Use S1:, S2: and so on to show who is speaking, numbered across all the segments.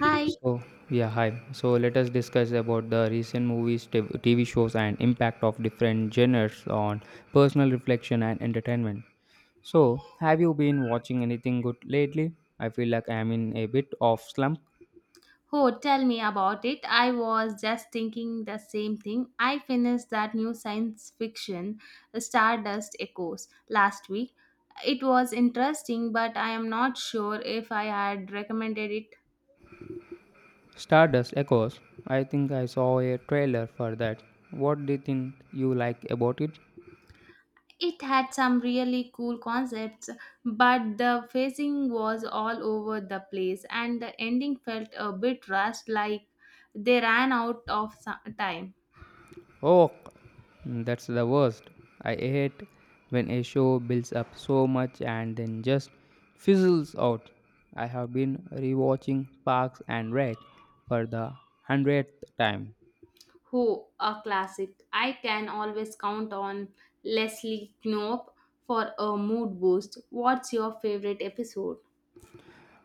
S1: Hi.
S2: So, yeah, hi. So, let us discuss about the recent movies, TV shows, and impact of different genres on personal reflection and entertainment. So, have you been watching anything good lately? I feel like I'm in a bit of slump.
S1: Oh, tell me about it. I was just thinking the same thing. I finished that new science fiction, Stardust Echoes, last week. It was interesting, but I am not sure if I had recommended it.
S2: Stardust Echoes. I think I saw a trailer for that. What did you think you like about it?
S1: It had some really cool concepts, but the pacing was all over the place, and the ending felt a bit rushed like they ran out of time.
S2: Oh, that's the worst. I hate when a show builds up so much and then just fizzles out. I have been rewatching Parks and Rec for the hundredth time.
S1: Who, a classic. I can always count on Leslie Knope for a mood boost. What's your favorite episode?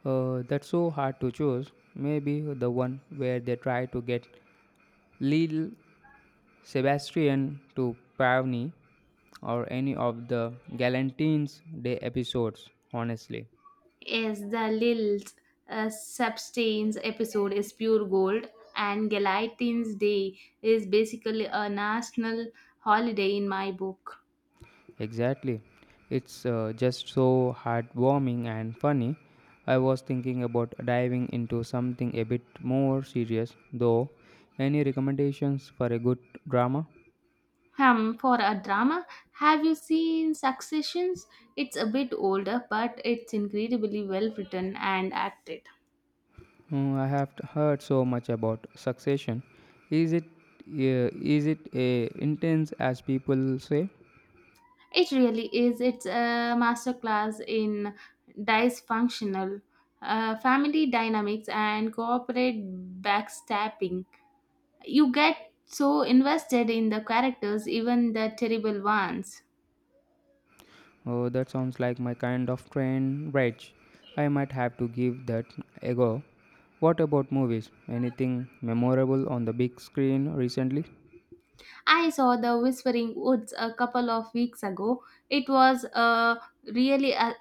S2: That's so hard to choose. Maybe the one where they try to get Lil Sebastian to Pavni or any of the Galentine's Day episodes, honestly.
S1: Yes, the Lil's Substance episode is pure gold, and Galatine's Day is basically a national holiday in my book.
S2: Exactly. It's just so heartwarming and funny. I was thinking about diving into something a bit more serious, though. Any recommendations for a good drama?
S1: For a drama, have you seen Successions? It's a bit older, but it's incredibly well written and acted.
S2: Hmm, I have heard so much about Succession. Is it uh, is it a intense as people say?
S1: It really is. It's a masterclass in dysfunctional family dynamics and corporate backstabbing. You get so invested in the characters, even the terrible ones.
S2: Oh, that sounds like my kind of train rage. I might have to give that a go. What about movies? Anything memorable on the big screen recently?
S1: I saw The Whispering Woods a couple of weeks ago. It was a really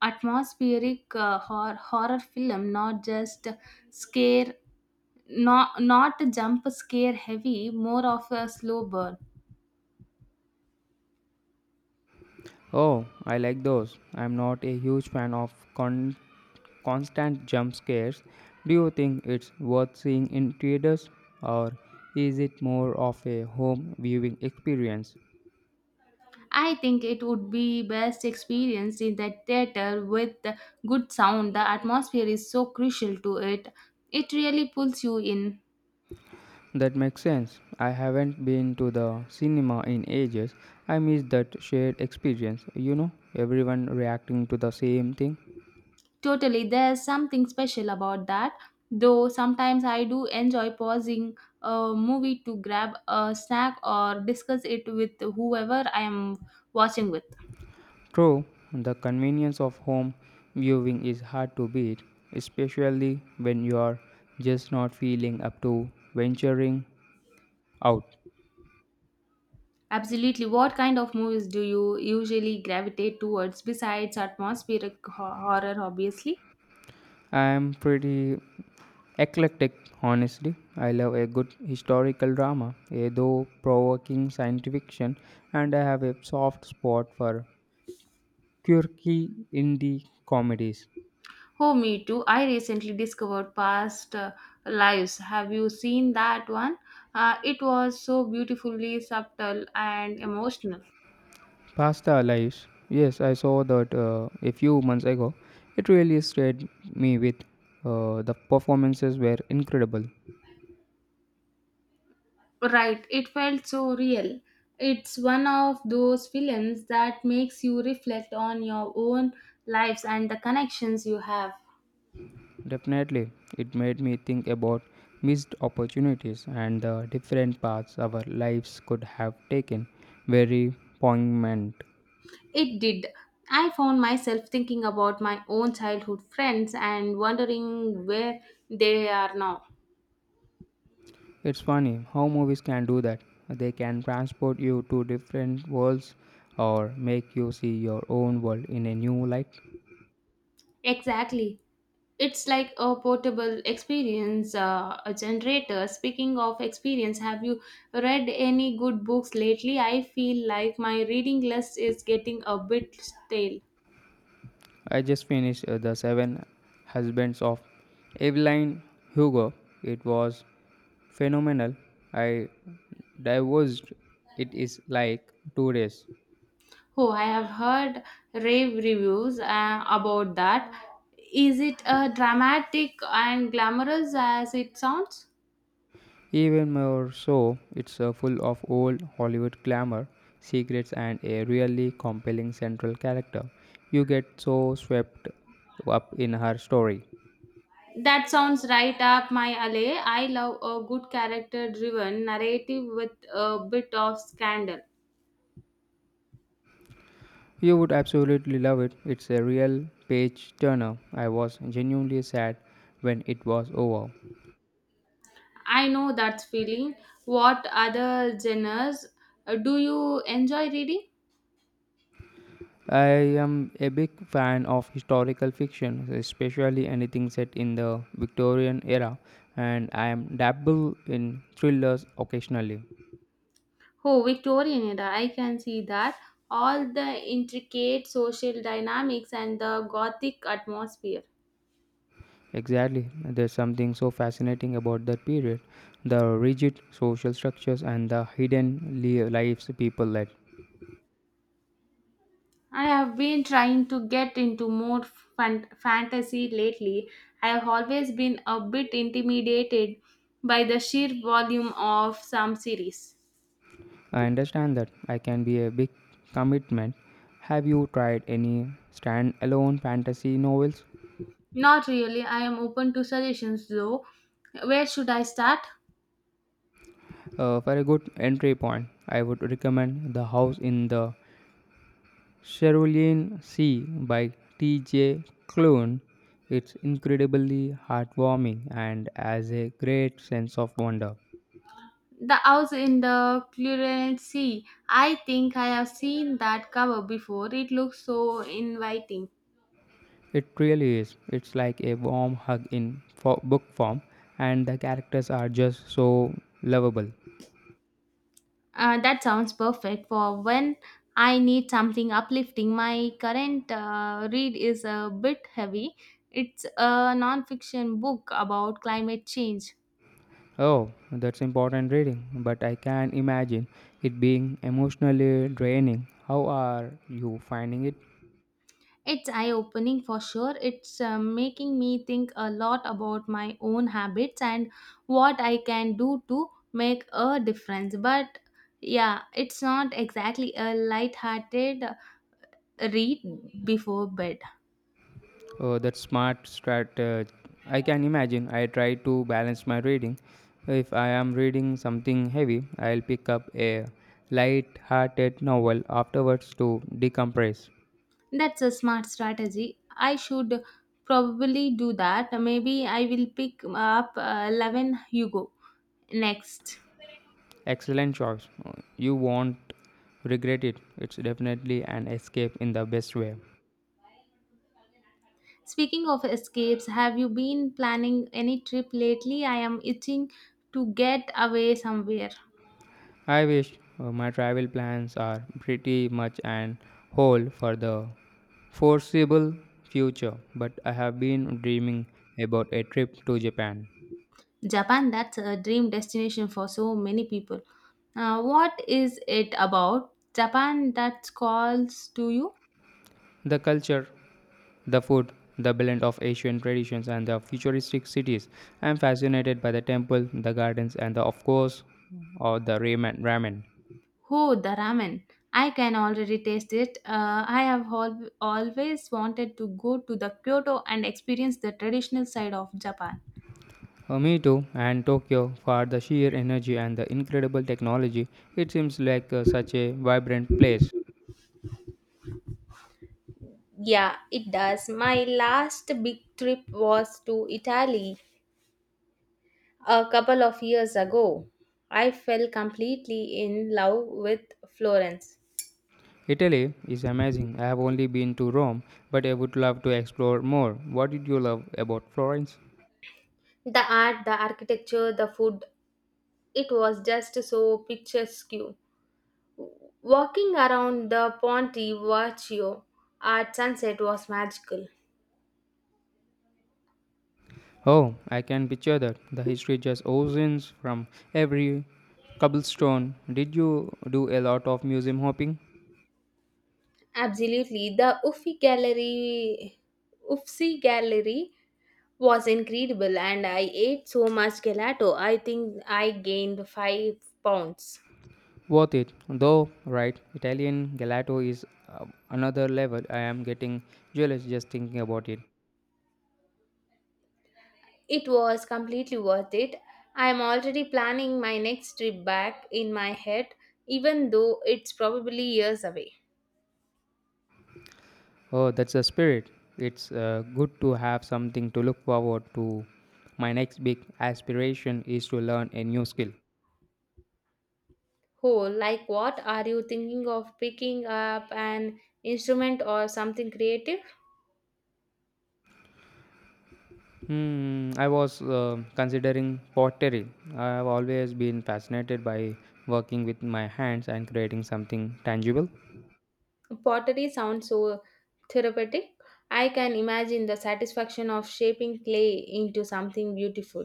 S1: atmospheric horror film, not just scare, not jump scare heavy, more of a slow burn.
S2: Oh, I like those. I'm not a huge fan of constant jump scares. Do you think it's worth seeing in theaters or is it more of a home viewing experience?
S1: I think it would be best experienced in the theater with the good sound. The atmosphere is so crucial to it. It really pulls you in.
S2: That makes sense. I haven't been to the cinema in ages. I miss that shared experience, you know, everyone reacting to the same thing.
S1: Totally, there's something special about that. Though sometimes I do enjoy pausing a movie to grab a snack or discuss it with whoever I am watching with.
S2: True, the convenience of home viewing is hard to beat, especially when you are just not feeling up to venturing out.
S1: Absolutely. What kind of movies do you usually gravitate towards besides atmospheric horror, obviously?
S2: I am pretty eclectic, honestly. I love a good historical drama, a though provoking science fiction, and I have a soft spot for quirky indie comedies.
S1: Oh, me too. I recently discovered Past Lives. Have you seen that one? It was so beautifully subtle and emotional.
S2: Pasta lives. Yes, I saw that a few months ago. It really stayed me with the performances were incredible.
S1: Right, it felt so real. It's one of those films that makes you reflect on your own lives and the connections you have.
S2: Definitely, it made me think about missed opportunities and the different paths our lives could have taken. Very poignant.
S1: It did. I found myself thinking about my own childhood friends and wondering where they are now.
S2: It's funny how movies can do that. They can transport you to different worlds or make you see your own world in a new light.
S1: Exactly. It's like a portable experience, a generator. Speaking of experience, have you read any good books lately? I feel like my reading list is getting a bit stale.
S2: I just finished The Seven Husbands of Evelyn Hugo. It was phenomenal. I divulged it is like 2 days.
S1: Oh, I have heard rave reviews about that. Is it dramatic and glamorous as it sounds?
S2: Even more so, it's full of old Hollywood glamour, secrets, and a really compelling central character. You get so swept up in her story.
S1: That sounds right up my alley. I love a good character driven narrative with a bit of scandal.
S2: You would absolutely love it. It's a real page turner. I was genuinely sad when it was over.
S1: I know that feeling. What other genres do you enjoy reading?
S2: I am a big fan of historical fiction, especially anything set in the Victorian era, and I am dabble in thrillers occasionally.
S1: Oh, Victorian era. I can see that. All the intricate social dynamics and the gothic atmosphere.
S2: Exactly, there's something so fascinating about that period the rigid social structures and the hidden lives people led.
S1: I have been trying to get into more fantasy lately. I have always been a bit intimidated by the sheer volume of some series.
S2: I understand that I can be a big commitment. Have you tried any standalone fantasy novels?
S1: Not really. I am open to suggestions though. Where should I start?
S2: For a good entry point, I would recommend The House in the Cerulean Sea by T.J. Klune. It's incredibly heartwarming and has a great sense of wonder.
S1: The House in the Cluren Sea. I think I have seen that cover before. It looks so inviting.
S2: It really is. It's like a warm hug in book form, and the characters are just so lovable.
S1: That sounds perfect for when I need something uplifting. My current read is a bit heavy. It's a non fiction book about climate change.
S2: Oh, that's important reading, but I can imagine it being emotionally draining. How are you finding it?
S1: It's eye opening for sure. It's making me think a lot about my own habits and what I can do to make a difference. But yeah, it's not exactly a light-hearted read before bed.
S2: Oh, that's smart strat. I can imagine. I try to balance my reading. If I am reading something heavy, I'll pick up a light-hearted novel afterwards to decompress.
S1: That's a smart strategy. I should probably do that. Maybe I will pick up 11 Hugo next.
S2: Excellent choice. You won't regret it. It's definitely an escape in the best way.
S1: Speaking of escapes, have you been planning any trip lately? I am itching to get away somewhere.
S2: I wish my travel plans are pretty much an whole for the foreseeable future, but I have been dreaming about a trip to Japan.
S1: Japan, that's a dream destination for so many people. What is it about Japan that calls to you?
S2: The culture, the food, the blend of Asian traditions and the futuristic cities. I'm fascinated by the temple, the gardens, and the, of course, or the ramen.
S1: Oh, the ramen. I can already taste it. I have always wanted to go to the Kyoto and experience the traditional side of Japan.
S2: Me too, and Tokyo for the sheer energy and the incredible technology. It seems like such a vibrant place.
S1: Yeah, it does. My last big trip was to Italy. A couple of years ago, I fell completely in love with Florence.
S2: Italy is amazing. I have only been to Rome, but I would love to explore more. What did you love about Florence?
S1: The art, the architecture, the food, it was just so picturesque. Walking around the Ponte Vecchio at sunset was magical.
S2: Oh, I can picture that. The history just oozes from every cobblestone. Did you do a lot of museum hopping?
S1: Absolutely, the Uffizi Gallery was incredible, and I ate so much gelato. I think I gained 5 pounds.
S2: Worth it, though, right? Italian gelato is another level. I am getting jealous just thinking about it.
S1: It was completely worth it. I am already planning my next trip back in my head, even though it's probably years away.
S2: Oh, that's the spirit. It's good to have something to look forward to. My next big aspiration is to learn a new skill.
S1: Oh, like what? Are you thinking of picking up an instrument or something creative?
S2: Hmm, I was considering pottery. I have always been fascinated by working with my hands and creating something tangible.
S1: Pottery sounds so therapeutic. I can imagine the satisfaction of shaping clay into something beautiful.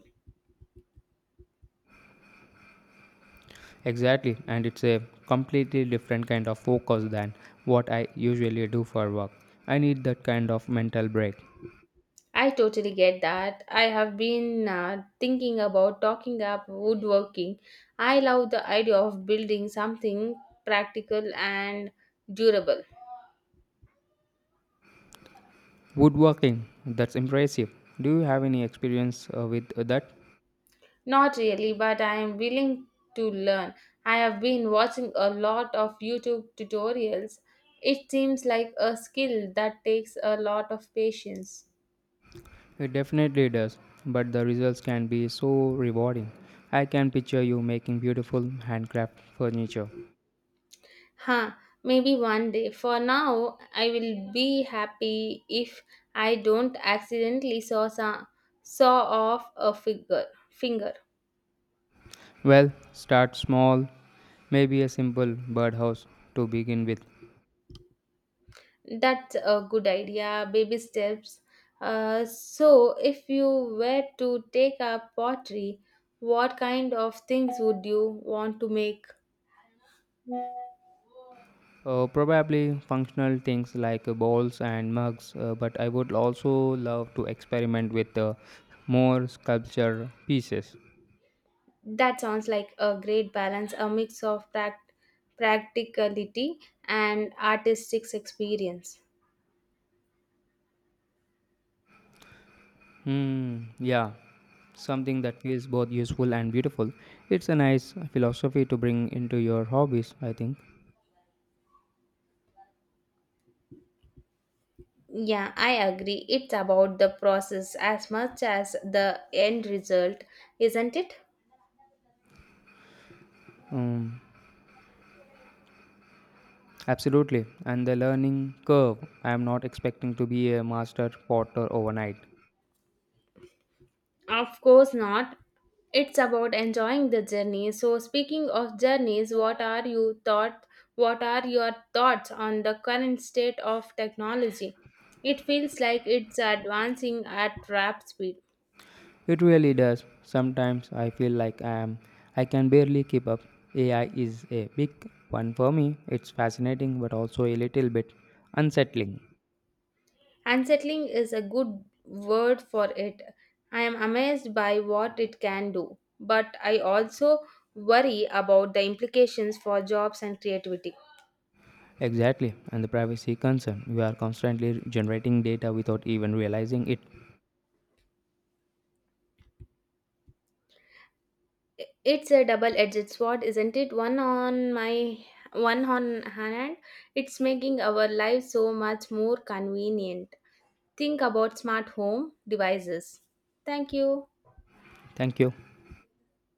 S2: Exactly, and it's a completely different kind of focus than what I usually do for work. I need that kind of mental break.
S1: I totally get that. I have been thinking about talking up woodworking. I love the idea of building something practical and durable.
S2: Woodworking, that's impressive. Do you have any experience with that?
S1: Not really, but I am willing to learn. I have been watching a lot of YouTube tutorials. It seems like a skill that takes a lot of patience.
S2: It definitely does, but the results can be so rewarding. I can picture you making beautiful handcraft furniture.
S1: Huh, maybe one day. For now, I will be happy if I don't accidentally saw off a figure finger.
S2: Well, start small, maybe a simple birdhouse to begin with.
S1: That's a good idea. Baby steps. So, if you were to take up pottery, what kind of things would you want to make?
S2: Probably functional things like bowls and mugs, but I would also love to experiment with more sculpture pieces.
S1: That sounds like a great balance, a mix of practicality and artistic experience.
S2: Hmm, yeah, something that feels both useful and beautiful. It's a nice philosophy to bring into your hobbies, I think.
S1: Yeah, I agree. It's about the process as much as the end result, isn't it?
S2: Um, Absolutely, and the learning curve. I am not expecting to be a master potter overnight.
S1: Of course not. It's about enjoying the journey. So speaking of journeys, what are your thoughts on the current state of technology? It feels like it's advancing at rap speed.
S2: It really does. Sometimes I feel like I can barely keep up. AI is a big one for me. It's fascinating but also a little bit unsettling.
S1: Unsettling is a good word for it. I am amazed by what it can do, but I also worry about the implications for jobs and creativity.
S2: Exactly, and the privacy concern. We are constantly generating data without even realizing it.
S1: It's a double-edged sword, isn't it? One on hand, it's making our lives so much more convenient. Think about smart home devices. Thank you.
S2: Thank you.